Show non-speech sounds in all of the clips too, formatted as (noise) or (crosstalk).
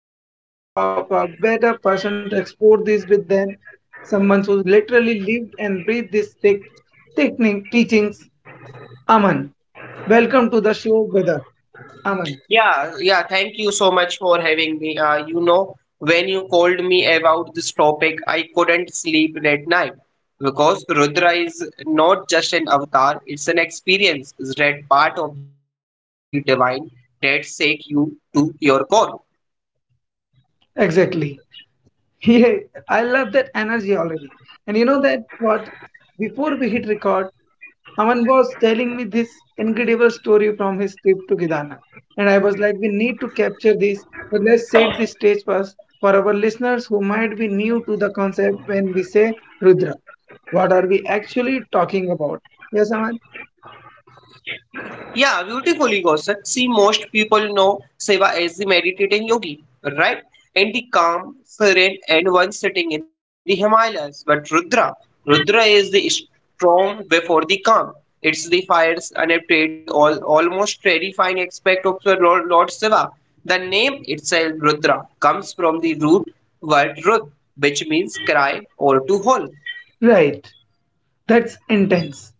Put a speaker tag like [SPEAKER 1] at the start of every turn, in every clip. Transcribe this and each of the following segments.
[SPEAKER 1] And I couldn't think of a better person to explore this with than someone who literally lived and breathed this technique teachings. Aman, welcome to the show, brother. Aman.
[SPEAKER 2] Yeah, thank you so much for having me. When you called me about this topic, I couldn't sleep that night because Rudra is not just an avatar, it's an experience, it's that part of the divine that shakes you to your core.
[SPEAKER 1] Exactly. (laughs) Yeah, I love that energy already. And you know what? Before we hit record, Aman was telling me this incredible story from his trip to Gidana. And I was like, we need to capture this, but let's set the stage first for our listeners who might be new to the concept when we say Rudra. What are we actually talking about? Yes, Aman?
[SPEAKER 2] Yeah, beautifully, Kaushal. See, most people know Seva as the meditating yogi, right? And the calm, serene, and one sitting in the Himalayas. But Rudra is the storm before the calm. It's the fires, unapted, almost terrifying aspect of the Lord Shiva. The name itself, Rudra, comes from the root word Rud, which means cry or to howl.
[SPEAKER 1] Right. That's intense.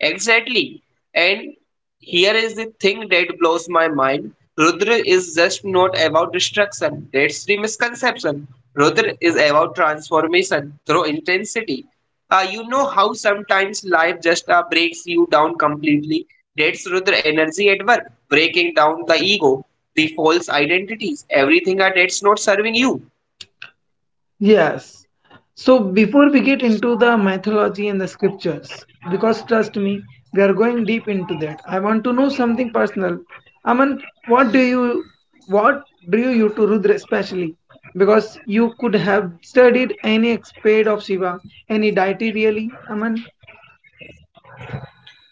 [SPEAKER 2] Exactly. And here is the thing that blows my mind. Rudra is just not about destruction. That's the misconception. Rudra is about transformation through intensity. You know how sometimes life just breaks you down completely? That's Rudra energy at work, breaking down the ego, the false identities, everything that's not serving you.
[SPEAKER 1] Yes. So before we get into the mythology and the scriptures, because trust me, we are going deep into that. I want to know something personal. Aman, what do you what drew you to Rudra especially? Because you could have studied any aspect of Shiva, any deity really, Aman?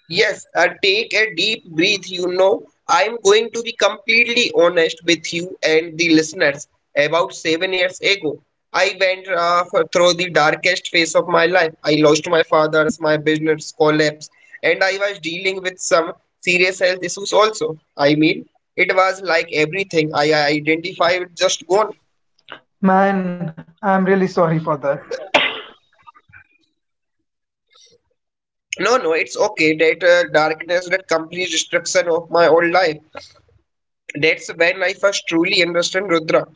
[SPEAKER 2] Yes, take a deep breath. You know, I'm going to be completely honest with you and the listeners. About 7 years ago, I went through the darkest phase of my life. I lost my father's, my business collapsed, and I was dealing with some serious health issues also. I mean, it was like everything I identified just gone.
[SPEAKER 1] Man, I'm really sorry for that.
[SPEAKER 2] No, no, it's okay. That darkness, that complete destruction of my old life. That's when I first truly understand Rudra.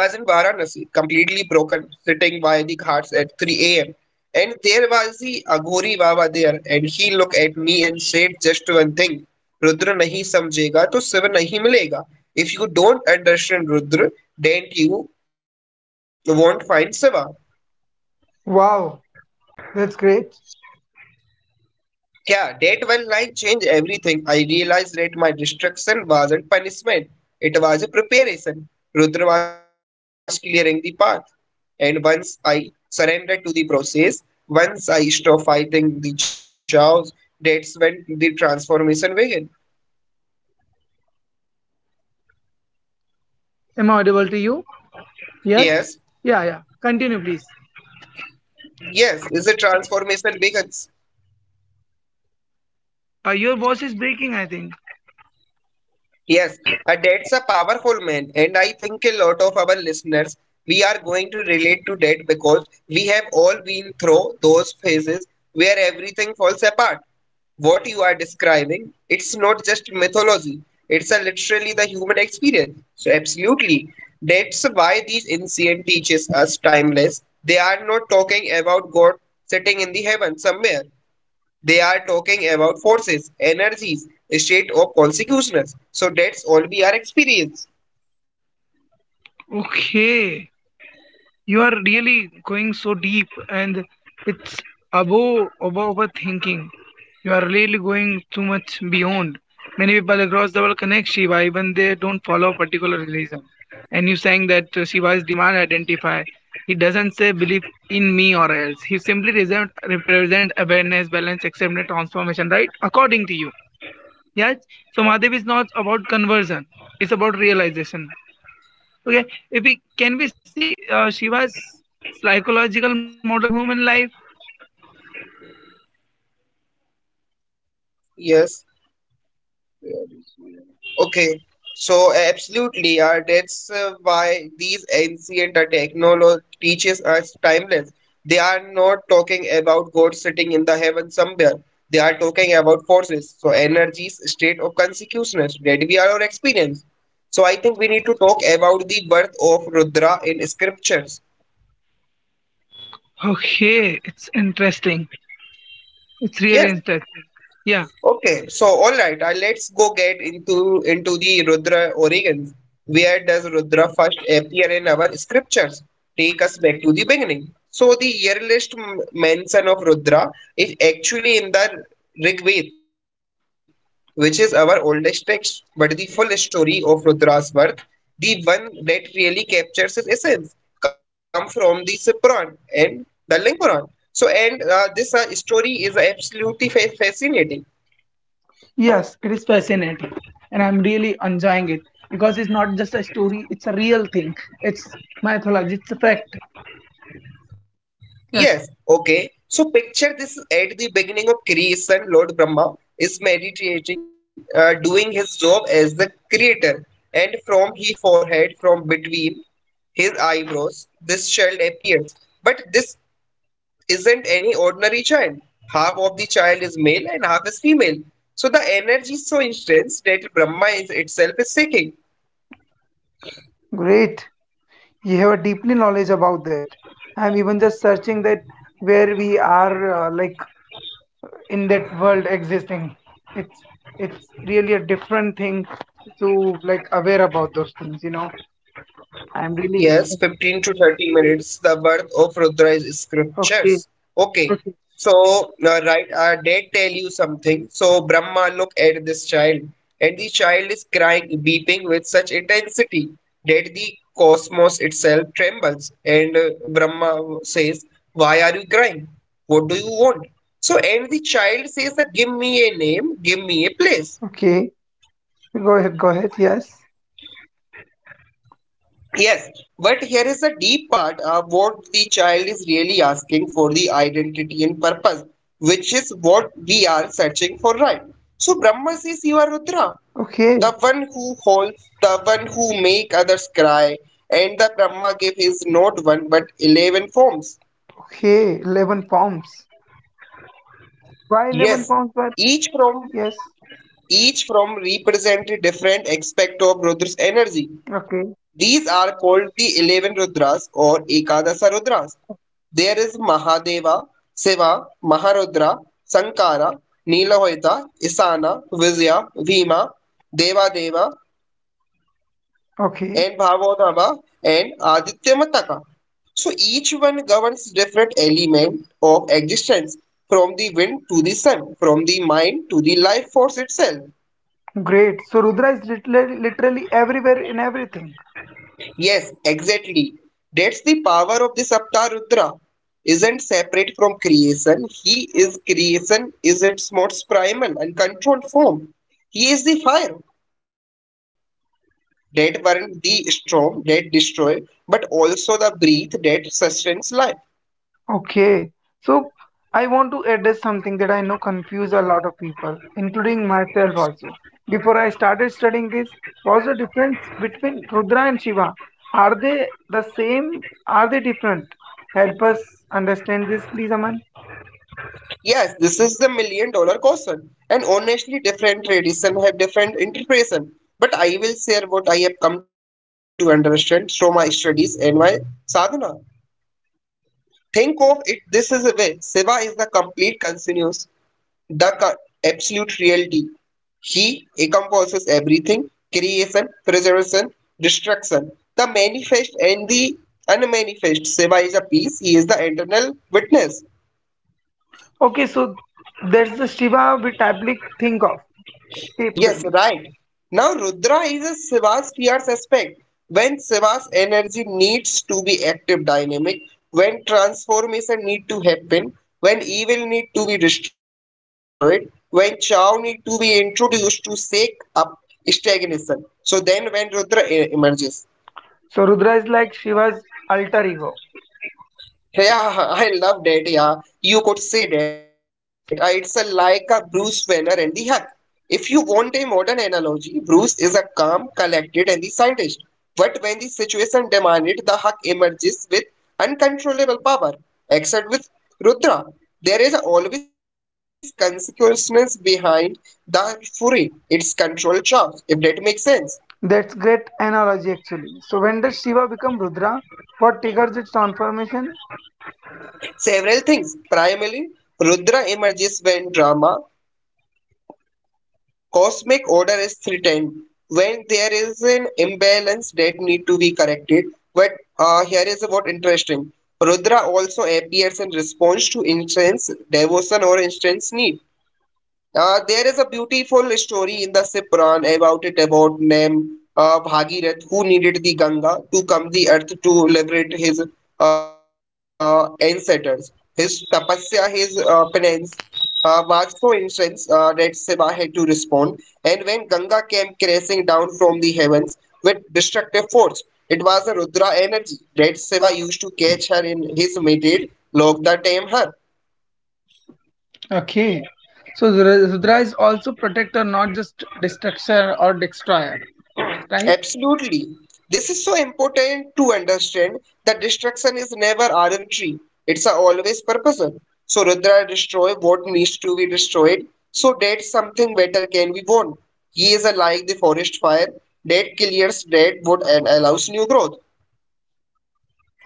[SPEAKER 2] I was in Varanasi, completely broken, sitting by the ghats at 3 a.m. And there was the Aghori Baba there, and he looked at me and said just one thing: Rudra nahi samjhega, to Shiva nahi milega. If you don't understand Rudra, then you won't find Shiva.
[SPEAKER 1] Wow, that's great.
[SPEAKER 2] Yeah, that one line changed everything. I realized that my destruction wasn't punishment, it was a preparation. Rudra was clearing
[SPEAKER 1] Yes.
[SPEAKER 2] the path. And once I surrendered to the process, once I stopped fighting the chaos, that's when the transformation began.
[SPEAKER 1] Am I audible to you? Yes? Yeah,
[SPEAKER 2] Yes,
[SPEAKER 1] yeah. Continue, please.
[SPEAKER 2] yes, is the transformation begins.
[SPEAKER 1] Your voice is breaking, I think.
[SPEAKER 2] Yes, that's a powerful man, and I think a lot of our listeners we are going to relate to that because we have all been through those phases where everything falls apart. What you are describing, it's not just mythology; it's a literally the human experience. So absolutely, that's why these ancient teaches us timeless. They are not talking about God sitting in the heaven somewhere. They are talking about forces, energies, state of consciousness. So that's all we are experience.
[SPEAKER 1] Okay, you are really going so deep, and it's above overthinking. You are really going too much beyond. Many people across the world connect Shiva even they don't follow a particular religion. And you saying that Shiva's demand identify. He doesn't say believe in me or else. He simply represent awareness, balance, acceptance, transformation, right? According to you. Yes. So Mahadev is not about conversion. It's about realization. Okay, if we can we see Shiva's psychological model for human life?
[SPEAKER 2] Yes. Okay. So absolutely, that's why these ancient technology teaches us timeless. They are not talking about God sitting in the heaven somewhere. They are talking about forces, so energies, state of consciousness that we are our experience. So I think we need to talk about the birth of Rudra in scriptures.
[SPEAKER 1] Okay, it's interesting. It's
[SPEAKER 2] Yes.
[SPEAKER 1] really interesting. Yeah.
[SPEAKER 2] Okay, so all right, let's go get into the Rudra origins. Where does Rudra first appear in our scriptures? Take us back to the beginning. So the earliest mention of Rudra is actually in the Rig Veda, which is our oldest text. But the full story of Rudra's birth, the one that really captures his essence, come from the Puran and the Ling Puran. So and this story is absolutely fascinating.
[SPEAKER 1] Yes, it is fascinating, and I'm really enjoying it because it's not just a story; it's a real thing. It's mythology. It's a fact. Yes.
[SPEAKER 2] Yes, okay. So picture this at the beginning of creation, Lord Brahma is meditating, doing his job as the creator, and from his forehead, from between his eyebrows, this child appears. But this isn't any ordinary child. Half of the child is male and half is female. So the energy is so intense that Brahma is itself is shaking.
[SPEAKER 1] Great. You have a deeply knowledge about that. I'm even just searching that where we are like in that world existing it's it's really a different thing to like aware about those things I'm really.
[SPEAKER 2] Yes, 15 to 30 minutes, the worth of Rudra's
[SPEAKER 1] Okay.
[SPEAKER 2] scriptures. Okay,
[SPEAKER 1] Okay.
[SPEAKER 2] so they tell you something. So Brahma, look at this child, and the child is crying, weeping with such intensity that the cosmos itself trembles. And Brahma says, why are you crying? What do you want? So, and the child says, give me a name, give me a place.
[SPEAKER 1] Okay, go ahead. Go ahead. Yes.
[SPEAKER 2] Yes, but here is the deep part of what the child is really asking for the identity and purpose, which is what we are searching for, right? So Brahma says you are Rudra,
[SPEAKER 1] Okay.
[SPEAKER 2] the one who holds, the one who make others cry, and the Brahma gave is not one but 11 forms.
[SPEAKER 1] Okay, 11 pounds? Why 11
[SPEAKER 2] Yes,
[SPEAKER 1] pounds But
[SPEAKER 2] each from
[SPEAKER 1] yes.
[SPEAKER 2] each from represent a different aspect of Rudra's energy.
[SPEAKER 1] Okay.
[SPEAKER 2] These are called the 11 Rudras or Ekadasa Rudras. There is Mahadeva, Siva, Maharudra, Sankara, Nilahoita, Isana, Vijaya, Vima, Devadeva, and
[SPEAKER 1] Okay.
[SPEAKER 2] Bhavodava, and Aditya Mataka. So each one governs different element of existence, from the wind to the sun, from the mind to the life force itself.
[SPEAKER 1] Great, so Rudra is literally everywhere in everything.
[SPEAKER 2] Yes, exactly. That's the power of the Saptarudra. Isn't separate from creation. He is creation, is its most primal and controlled form. He is the fire that burns the storm, that destroys, but also the breath that sustains life.
[SPEAKER 1] Okay, so I want to address something that I know confuse a lot of people, including myself also. Before I started studying this, was the difference between Rudra and Shiva? Are they the same? Are they different? Help us understand this, please, Aman.
[SPEAKER 2] Yes, this is the million-dollar question. And honestly, different traditions have different interpretation. But I will share what I have come to understand through my studies and my sadhana. Think of it this is a way. Shiva is the complete continuous, the absolute reality. He encompasses everything creation, preservation, destruction, the manifest and the unmanifest. Shiva is a peace, he is the internal witness.
[SPEAKER 1] Okay, so that's the Shiva we typically think of,
[SPEAKER 2] Yes,
[SPEAKER 1] typically.
[SPEAKER 2] right. Now Rudra is a Shiva's fear aspect. When Shiva's energy needs to be active dynamic, when transformation need to happen, when evil need to be destroyed, when Chow need to be introduced to shake up stagnation. So then when Rudra emerges.
[SPEAKER 1] So Rudra is like Shiva's alter ego.
[SPEAKER 2] Yeah, I loved it. Yeah, you could say that. It's like a Bruce Banner and the Hulk. If you want a modern analogy, Bruce is a calm, collected, and the scientist. But when the situation demanded, the Hulk emerges with uncontrollable power. Except with Rudra, there is always consequences behind the fury. It's controlled chaos, if that makes sense.
[SPEAKER 1] That's great analogy actually. So when does Shiva become Rudra? What triggers its transformation?
[SPEAKER 2] Several things. Primarily, Rudra emerges when drama Cosmic order is threatened when there is an imbalance that need to be corrected. But here is what interesting. Rudra also appears in response to intense devotion or intense need. There is a beautiful story in the Puran about it about name Bhagirath who needed the Ganga to come the earth to liberate his ancestors. His tapasya, his penance was so intense that Shiva had to respond. And when Ganga came crashing down from the heavens with destructive force, it was a Rudra energy that Shiva used to catch her in his mated log the tame her.
[SPEAKER 1] Okay. So Rudra is also protector, not just destructor or destroyer, right?
[SPEAKER 2] Absolutely. This is so important to understand that destruction is never arbitrary. It's a always purposeful. So Rudra destroy what needs to be destroyed so that something better can be born. He is like the forest fire that clears dead wood and allows new growth.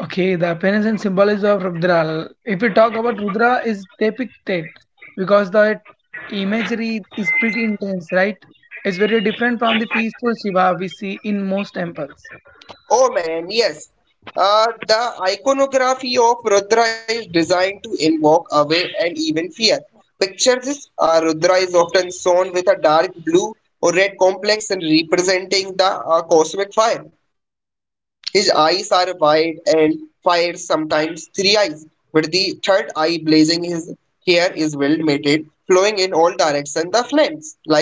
[SPEAKER 1] Okay, the appearance and symbolism of Rudra. If we talk about Rudra is depicted because the imagery is pretty intense, right? It's very different from the peaceful Shiva we see in most temples.
[SPEAKER 2] Oh man, yes. The iconography of Rudra is designed to invoke awe and even fear. Picture this Rudra is often shown with a dark blue or red complexion representing the cosmic fire. His eyes are wide and fire sometimes three eyes, with the third eye blazing. His hair is well matted, flowing in all directions. The flames like flame.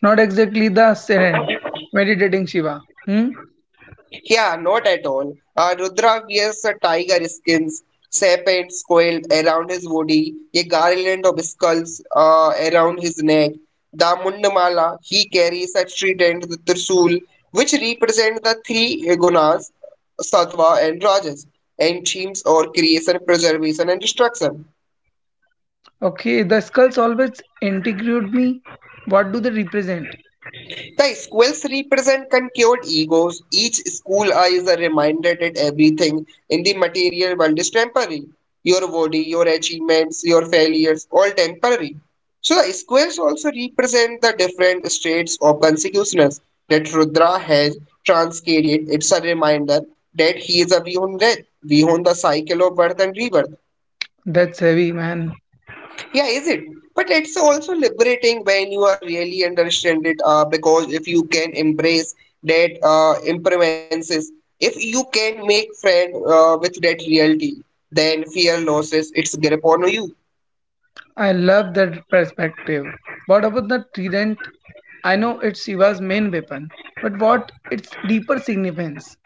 [SPEAKER 1] Not exactly the serene, meditating Shiva. Hmm?
[SPEAKER 2] Yeah, not at all. Rudra wears a tiger skins, serpents coiled around his body, a garland of skulls around his neck. The Mundamala, he carries a trident, the Trisul, which represent the three gunas, Sattva and Rajas, and themes or creation, preservation, and destruction.
[SPEAKER 1] Okay, the skulls always intrigued me. What do they represent?
[SPEAKER 2] The squills represent conquered egos. Each school eye is a reminder that everything in the material world is temporary. Your body, your achievements, your failures, all temporary. So the squares also represent the different states of consciousness that Rudra has transcended. It's a reminder that he is a beyond death, beyond the cycle of birth and rebirth.
[SPEAKER 1] That's heavy, man.
[SPEAKER 2] Yeah, is it? But it's also liberating when you are really understand it. Because if you can embrace that impermanences, if you can make friend with that reality, then fear loses its grip on you.
[SPEAKER 1] I love that perspective. What about the trident? I know it's Shiva's main weapon, but what its deeper significance?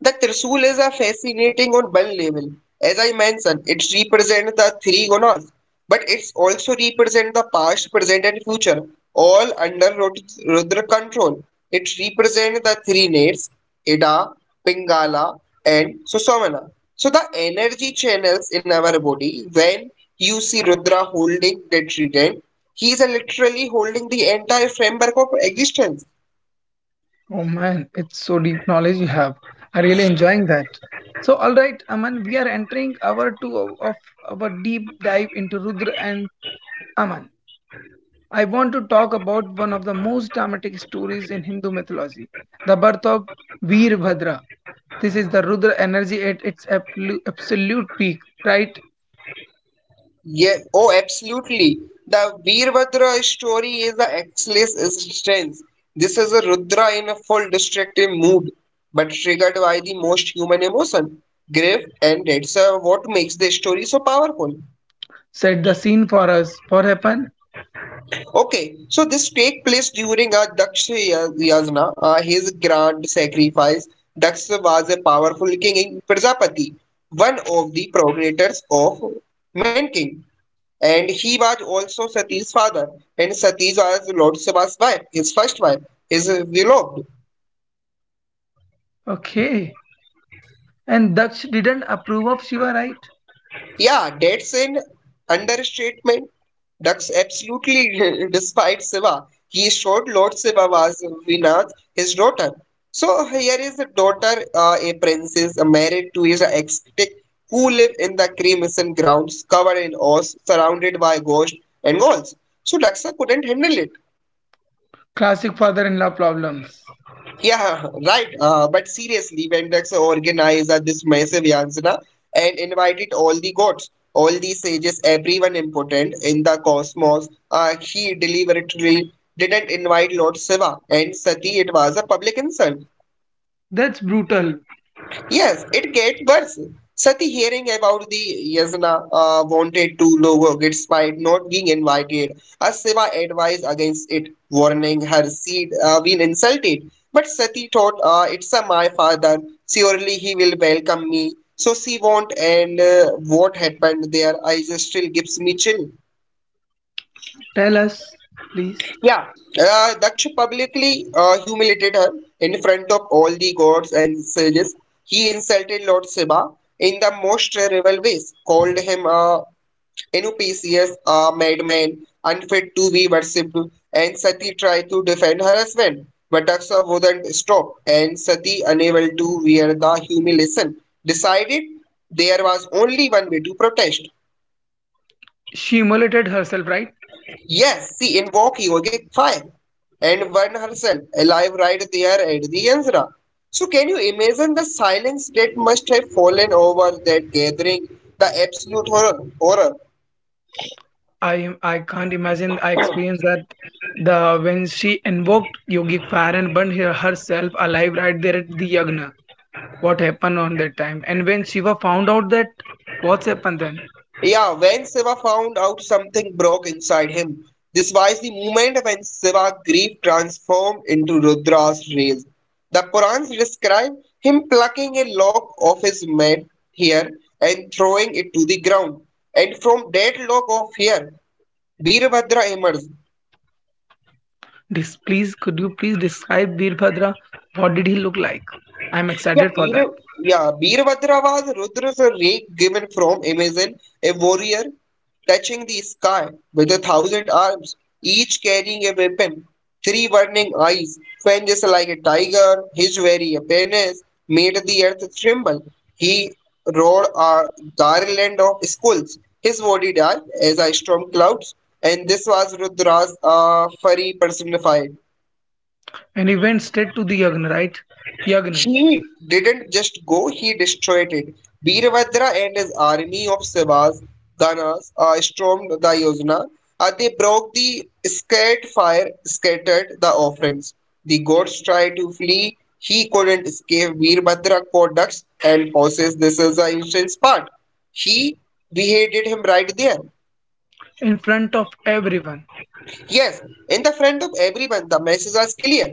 [SPEAKER 2] The Trisul is a fascinating on one level. As I mentioned, it represents the three gunas, but it's also represents the past, present, and future, all under Rudra control. It represents the three nates, Ida, Pingala, and Sushumna. So the energy channels in our body, when you see Rudra holding the trident, he is literally holding the entire framework of existence.
[SPEAKER 1] Oh man, it's so deep knowledge you have. I really enjoying that. So all right, Aman, we are entering our two of our deep dive into Rudra and Aman. I want to talk about one of the most dramatic stories in Hindu mythology, the birth of Veerbhadra. This is the Rudra energy at its absolute peak, right?
[SPEAKER 2] Yeah, oh, absolutely. The Veerbhadra story is the excellent strength. This is a Rudra in a full destructive mood, but triggered by the most human emotion, grief, and that's what makes the story so powerful.
[SPEAKER 1] Set the scene for us. What happened?
[SPEAKER 2] Okay, so this take place during a Daksha Yajna, his grand sacrifice. Daksha was a powerful king in Prajapati, one of the progenitors of Man King, and he was also Sati's father, and Sati was Lord Siva's wife, his first wife, his beloved.
[SPEAKER 1] Okay. And Daksh didn't approve of Shiva, right?
[SPEAKER 2] Yeah, that's an understatement. Ducks absolutely (laughs) despite Siva. He showed Lord Siva was Vinath, his daughter. So here is a daughter, a princess, married to his ex-stick, who live in the Cremation grounds, covered in ores, surrounded by ghosts and ghouls. So Daksa couldn't handle it.
[SPEAKER 1] Classic father in law problems.
[SPEAKER 2] Yeah, right. But seriously, Vendex organized this massive Yansana and invited all the gods, all the sages, everyone important in the cosmos. He deliberately didn't invite Lord Shiva and Sati. It was a public insult.
[SPEAKER 1] That's brutal.
[SPEAKER 2] Yes, it gets worse. Sati hearing about the Yasna wanted to logo despite not being invited, as Siva advised against it, warning her seed been insulted. But Sati thought, it's a my father, surely he will welcome me. So she won't and what happened there, I just still gives me chill.
[SPEAKER 1] Tell us, please.
[SPEAKER 2] Yeah, Daksha publicly humiliated her in front of all the gods and sages. He insulted Lord Shiva in the most terrible ways, called him a NPCS, a madman, unfit to be worshipped, and Sati tried to defend her husband. But Daksha wouldn't stop, and Sati, unable to bear the humiliation, decided there was only one way to protest.
[SPEAKER 1] She immolated herself, right?
[SPEAKER 2] Yes, she invoked yogic fire and burned herself alive right there at the Yansra. So, can you imagine the silence that must have fallen over that gathering? The absolute horror. Horror.
[SPEAKER 1] I can't imagine I experienced that the when she invoked yogic fire and burned herself alive right there at the yagna. What happened on that time? And when Shiva found out that, what's happened then?
[SPEAKER 2] Yeah, when Shiva found out something broke inside him. This was the moment when Shiva grief transformed into Rudra's rage. The Purans describe him plucking a lock of his mane here and throwing it to the ground. And from that lock of hair, Birabhadra emerged.
[SPEAKER 1] Please, could you please describe Veerbhadra? What did he look like? I'm
[SPEAKER 2] Yeah,
[SPEAKER 1] excited for
[SPEAKER 2] Bir,
[SPEAKER 1] that.
[SPEAKER 2] yeah, Birabhadra was Rudra's ray given from Amazon, a warrior touching the sky with a thousand arms, each carrying a weapon, three burning eyes, fangs like a tiger. His very appearance made the earth tremble. He roared a garland of skulls. His body dark as ice storm clouds, and this was Rudra's furry personified.
[SPEAKER 1] And he went straight to the Yagna, right? Yagna.
[SPEAKER 2] He didn't just go, he destroyed it. Birabhadra and his army of Sivas, Ganas, stormed the Yojana. They broke the scared fire, scattered the offerings. The gods tried to flee. He couldn't escape. Birabhadra caught ducks and horses. This is the instance part. He beheaded him right there.
[SPEAKER 1] In front of everyone.
[SPEAKER 2] Yes, in the front of everyone, the messages are clear.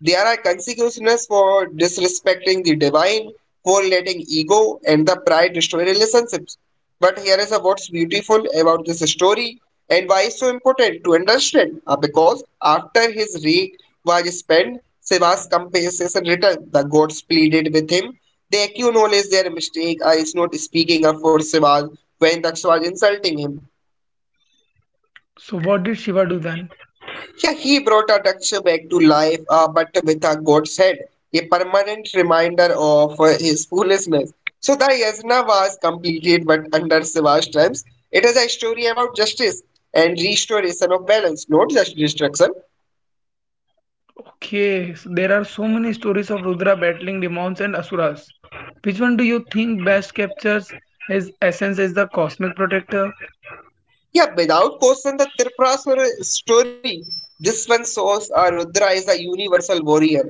[SPEAKER 2] There are consequences for disrespecting the divine, for letting ego and the pride destroy relationships. But here is a what's beautiful about this story and why it's so important to understand. Because after his wreak was spent, Shiva's compensation returned. The gods pleaded with him. They acknowledge their mistake. I is not speaking up for Shiva when the was insulting him.
[SPEAKER 1] So what did Shiva do then?
[SPEAKER 2] Yeah, he brought a duck's back to life, but with a goat's head, a permanent reminder of his foolishness. So the yajna was completed, but under Shiva's times, it is a story about justice and restoration of balance, not just destruction.
[SPEAKER 1] Okay, so there are so many stories of Rudra battling demons and asuras. Which one do you think best captures his essence as the cosmic protector?
[SPEAKER 2] Yeah, without question, the Tripurasura story, this one shows Rudra is a universal warrior,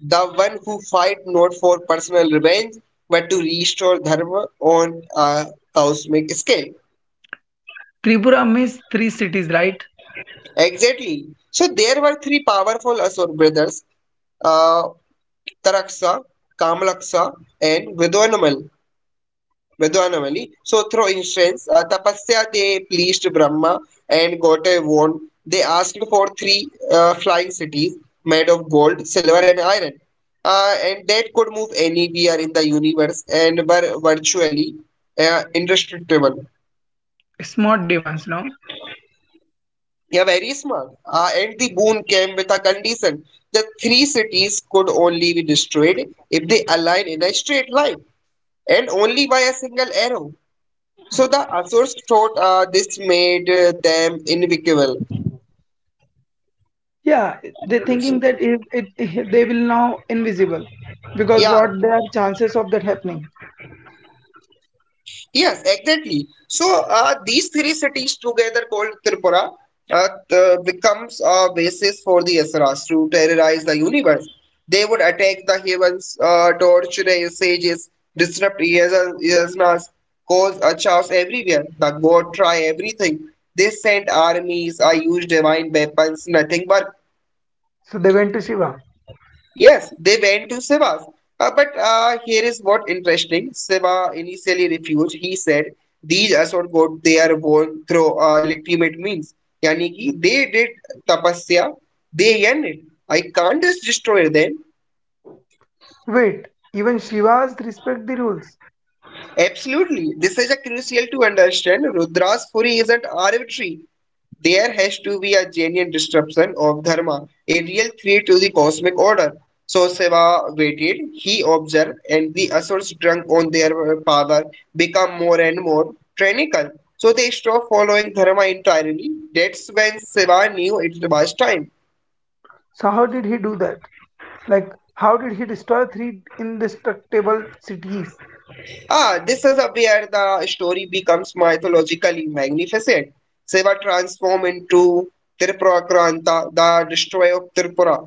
[SPEAKER 2] the one who fight not for personal revenge, but to restore dharma on a cosmic scale.
[SPEAKER 1] Tripura means three cities, right?
[SPEAKER 2] Exactly. So there were three powerful Asur brothers, uh, Taraksa, Kamalaksa, and Vidwanamali. So through instance, Tapasya they pleased Brahma and got a wand. They asked for three flying cities made of gold, silver, and iron, and that could move anywhere in the universe and were virtually indestructible.
[SPEAKER 1] Smart demons, no?
[SPEAKER 2] Yeah, very small. And the boon came with a condition that three cities could only be destroyed if they align in a straight line and only by a single arrow. So the Asurs thought this made them invincible.
[SPEAKER 1] Yeah, they're thinking that if it, (laughs) if they will now invisible because
[SPEAKER 2] Yeah,
[SPEAKER 1] what their chances of that happening.
[SPEAKER 2] yes, exactly. So these three cities together called Tripura becomes a basis for the Asuras to terrorize the universe. They would attack the heavens, torture sages, disrupt yasnas, cause a chaos everywhere. The god try everything. They sent armies, I used divine weapons, nothing worked.
[SPEAKER 1] So they went to Shiva.
[SPEAKER 2] Yes, they went to Siva's. But here is what interesting. Siva initially refused. He said these assault gods they are born through legitimate means. Yani ki they did tapasya, they earned it. I can't just destroy them.
[SPEAKER 1] Wait, even Shiva's respect the rules.
[SPEAKER 2] Absolutely, this is a crucial to understand. Rudra's fury isn't arbitrary. There has to be a genuine disruption of dharma, a real threat to the cosmic order. So Shiva waited, he observed, and the asurs drunk on their power become more and more tyrannical. So they stopped following dharma entirely. That's when Shiva knew it was time.
[SPEAKER 1] So how did he do that? Like how did he destroy three indestructible cities?
[SPEAKER 2] Ah, this is where the story becomes mythologically magnificent. Shiva transformed into Tripura, the destroyer of Tripura.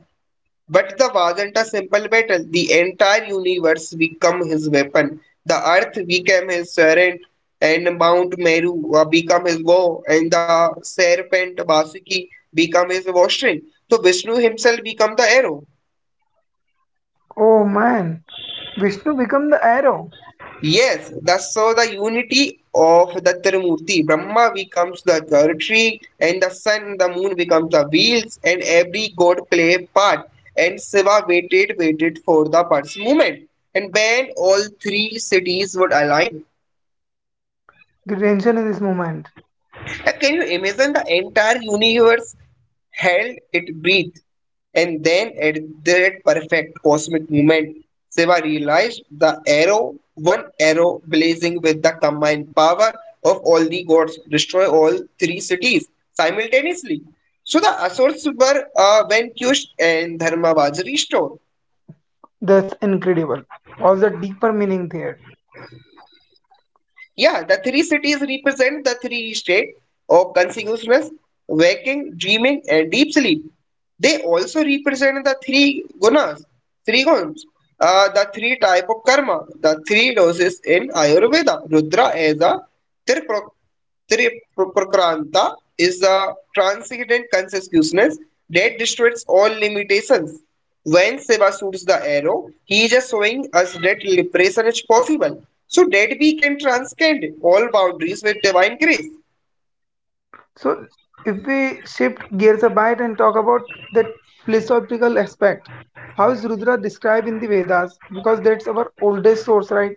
[SPEAKER 2] But the wasn't a simple battle. The entire universe became his weapon. The earth became his servant, and Mount Meru become his bow, and the serpent Vasuki became his washing. So Vishnu himself became the arrow.
[SPEAKER 1] Oh man, Vishnu become the arrow.
[SPEAKER 2] Yes, that's so the unity of the Trimurti. Brahma becomes the tree, and the sun, the moon becomes the wheels, and every god play part. And Shiva waited, waited for the bird's movement. And when all three cities would align,
[SPEAKER 1] The tension in this moment.
[SPEAKER 2] can you imagine the entire universe held its breath? And then at that perfect cosmic moment, Shiva realized the arrow, one arrow blazing with the combined power of all the gods, destroy all three cities simultaneously. So the Asurs were when Kush and Dharma was restored.
[SPEAKER 1] That's incredible. What's the deeper meaning there?
[SPEAKER 2] Yeah, the three cities represent the three states of consciousness, waking, dreaming, and deep sleep. They also represent the three gunas, three guns, the three type of karma, the three doses in Ayurveda. Rudra is a tripro- triprakranta is a transcendent consciousness that destroys all limitations. When Shiva shoots the arrow, he is just showing us that liberation is possible, so that we can transcend all boundaries with divine grace.
[SPEAKER 1] So if we shift gears a bit and talk about that philosophical aspect, how is Rudra described in the Vedas? Because that's our oldest source, right?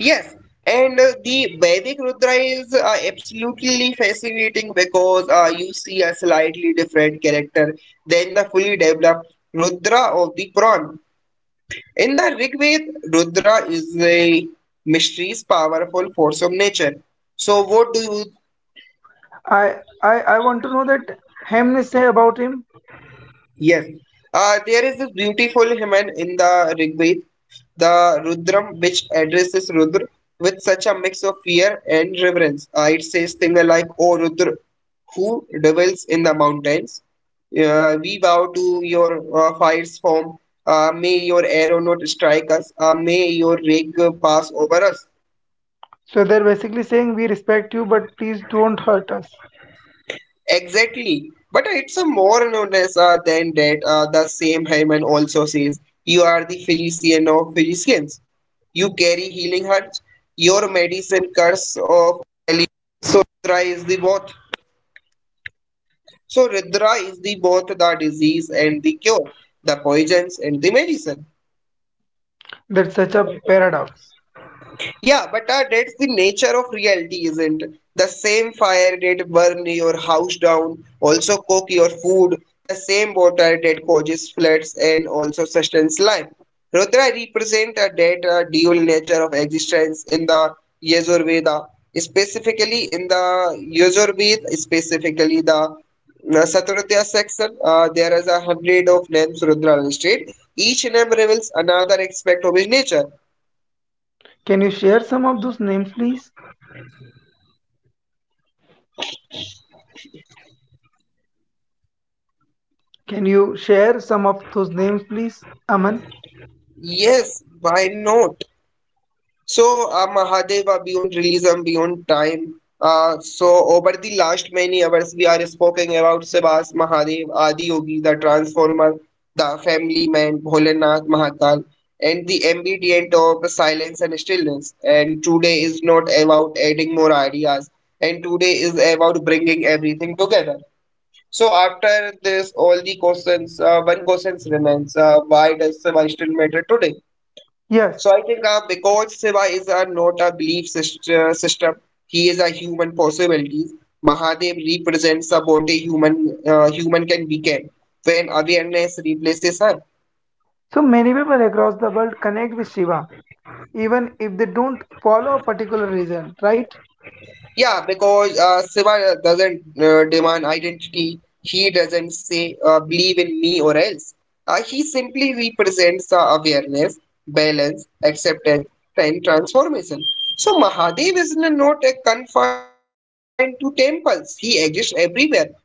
[SPEAKER 2] Yes, and the Vedic Rudra is absolutely fascinating because you see a slightly different character than the fully developed Rudra of the Puran. In the Rig Veda, Rudra is a mysterious, powerful force of nature. So, what do you?
[SPEAKER 1] I I want to know that Hamne say about him.
[SPEAKER 2] Yes, there is this beautiful hymn in the Rig Veda, the Rudram, which addresses Rudra with such a mix of fear and reverence. It says things.
[SPEAKER 1] So they're basically saying we respect you, but please don't hurt us. That's such a paradox.
[SPEAKER 2] Yeah, but that's the nature of reality, isn't it? The same fire that burn your house down also cook your food. The same water that causes floods and also sustains life. Rudra represent that dual nature of existence in the Yajurveda, Yajurveda, specifically the Saturudya section. There is a hundred of names Rudra listed. Each name reveals another aspect of his nature.
[SPEAKER 1] Can you share some of those names, please? Can you share some of those names, please, Aman?
[SPEAKER 2] Yes, why not? So, Mahadeva, Beyond Realism, Beyond Time. So, over the last many hours, we are speaking about Sebas, Mahadev, Adiyogi, the Transformer, the Family Man, Bholenath, Mahakal, and the ambient of silence and stillness. And today is not about adding more ideas, and today is about bringing everything together. So, after this, all the questions, one question remains why does Seva still matter today?
[SPEAKER 1] Yes.
[SPEAKER 2] So I think because Shiva is not a belief system, he is a human possibility. Mahadev represents about a human human can become when awareness replaces her.
[SPEAKER 1] So many people across the world connect with Shiva even if they don't follow a particular reason, right?
[SPEAKER 2] Yeah, because Shiva doesn't demand identity. He doesn't say, believe in me or else. He simply represents the awareness, balance, acceptance, and transformation. So Mahadev is not confined to temples. He exists everywhere. Truth is lived.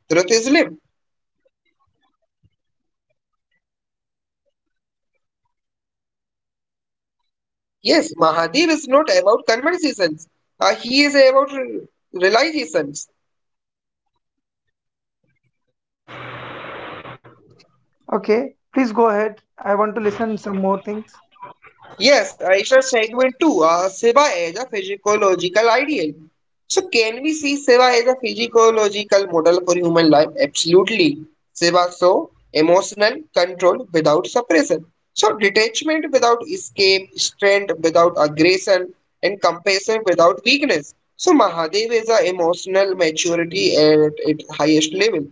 [SPEAKER 2] Yes, Mahadev is not about conversations. He is about realizations.
[SPEAKER 1] Go ahead. I want to listen some more things.
[SPEAKER 2] Yes, it's a segment 2. Siva as a physiological ideal. So, can we see Siva as a physiological model for human life? Absolutely. Siva so emotional control without suppression. So, detachment without escape, strength without aggression, and compassion without weakness. So, Mahadev is a emotional maturity at its highest level,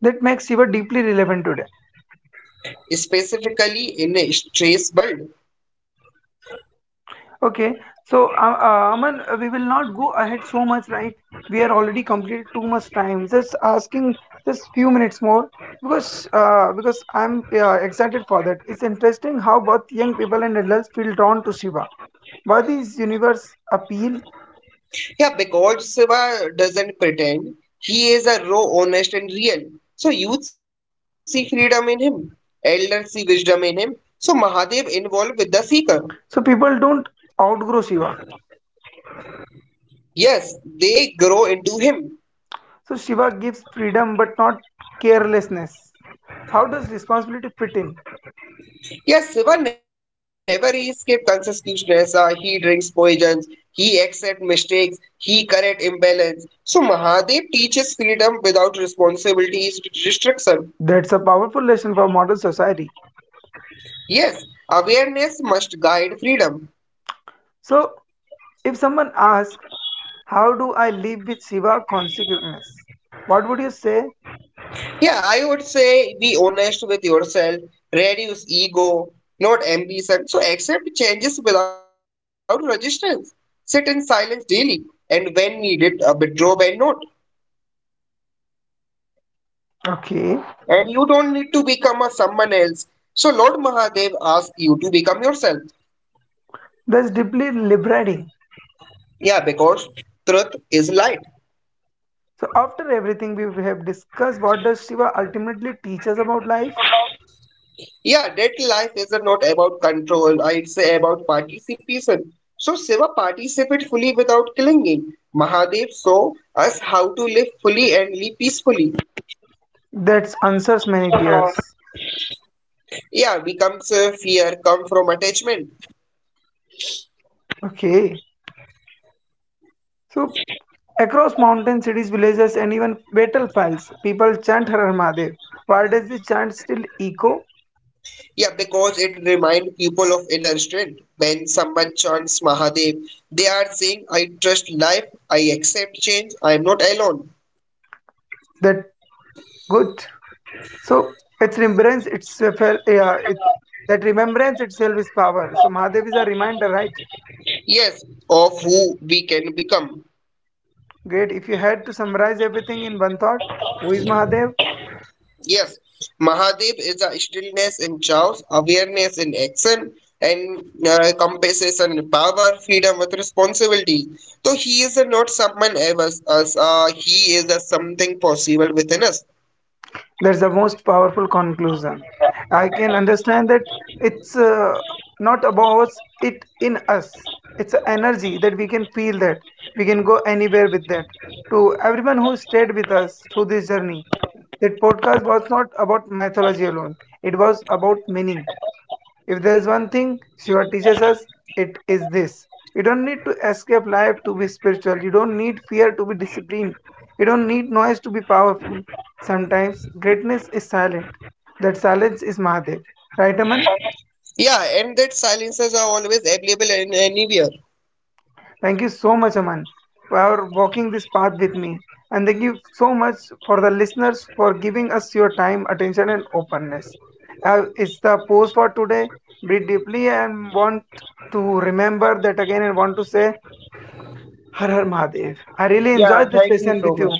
[SPEAKER 1] That makes Shiva deeply relevant today.
[SPEAKER 2] specifically in a stress world.
[SPEAKER 1] Okay, so Aman, we will not go ahead so much, right? We are already completed too much time. Just asking just few minutes more because I'm excited for that. It's interesting how both young people and adults feel drawn to Shiva. What is universe appeal?
[SPEAKER 2] Yeah, because Siva doesn't pretend. He is a raw, honest, and real. So youth see freedom in him. Elders see wisdom in him. So Mahadev involved with the seeker.
[SPEAKER 1] So people don't outgrow Shiva.
[SPEAKER 2] Yes, they grow into him.
[SPEAKER 1] So Shiva gives freedom but not carelessness. How does responsibility fit in?
[SPEAKER 2] Yes, Siva never escapes consciousness. He drinks poisons. He accepts mistakes. He correct imbalance. So Mahadev teaches freedom without responsibility is restriction.
[SPEAKER 1] That's a powerful lesson for modern society.
[SPEAKER 2] Yes, awareness must guide freedom.
[SPEAKER 1] So, if someone asks, how do I live with Shiva consciousness? What would you say?
[SPEAKER 2] Yeah, I would say be honest with yourself, reduce ego, not ambition. So accept changes without resistance. Sit in silence daily, and when needed, a withdraw when not.
[SPEAKER 1] Okay,
[SPEAKER 2] And you don't need to become a someone else. So Lord Mahadev asks you to become yourself.
[SPEAKER 1] that's deeply liberating.
[SPEAKER 2] Yeah, because truth is light.
[SPEAKER 1] So, after everything we have discussed, what does Shiva ultimately teach us about life?
[SPEAKER 2] Yeah, daily life is not about control, it's about participation. So Shiva participated fully without clinging. Mahadev show us how to live fully and live peacefully.
[SPEAKER 1] That answers many fears.
[SPEAKER 2] Yeah, becomes fear come from attachment.
[SPEAKER 1] Okay, so across mountain cities, villages, and even battlefields, people chant Har Har Mahadev. Why does the chant still echo?
[SPEAKER 2] Yeah, because it reminds people of inner strength. When someone chants Mahadev, they are saying, I trust life, I accept change, I am not alone.
[SPEAKER 1] That good. So it's remembrance itself, yeah, that remembrance itself is power. So Mahadev is a reminder, right?
[SPEAKER 2] Yes, of who we can become.
[SPEAKER 1] Great. If you had to summarize everything in one thought, who is Mahadev?
[SPEAKER 2] Yes, Mahadip is a stillness in chaos, awareness in action, and compasses and power, freedom with responsibility. So he is not someone else, us, he is a something possible within us.
[SPEAKER 1] That's the most powerful conclusion. I can understand that it's not about it in us. It's an energy that we can feel that we can go anywhere with that. To everyone who stayed with us through this journey, that podcast was not about mythology alone. It was about meaning. If there is one thing Shiva teaches us, it is this. You don't need to escape life to be spiritual. You don't need fear to be disciplined. You don't need noise to be powerful. Sometimes greatness is silent. That silence is Mahadev. Right, Aman?
[SPEAKER 2] Yeah, and that silences are always available in anywhere.
[SPEAKER 1] Thank you so much, Aman, for walking this path with me. And thank you so much for the listeners for giving us your time, attention, and openness. It's the pose for today. Breathe deeply and want to remember that again and want to say Har Har Mahadev. I really
[SPEAKER 2] Yeah,
[SPEAKER 1] enjoyed this
[SPEAKER 2] thank you
[SPEAKER 1] session
[SPEAKER 2] so
[SPEAKER 1] with you.
[SPEAKER 2] much.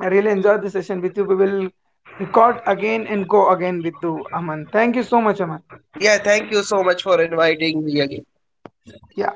[SPEAKER 1] I really enjoyed this session with you. We will record again and go again with you, Aman. Thank you so much, Aman.
[SPEAKER 2] Yeah, thank you so much for inviting me again.
[SPEAKER 1] Yeah.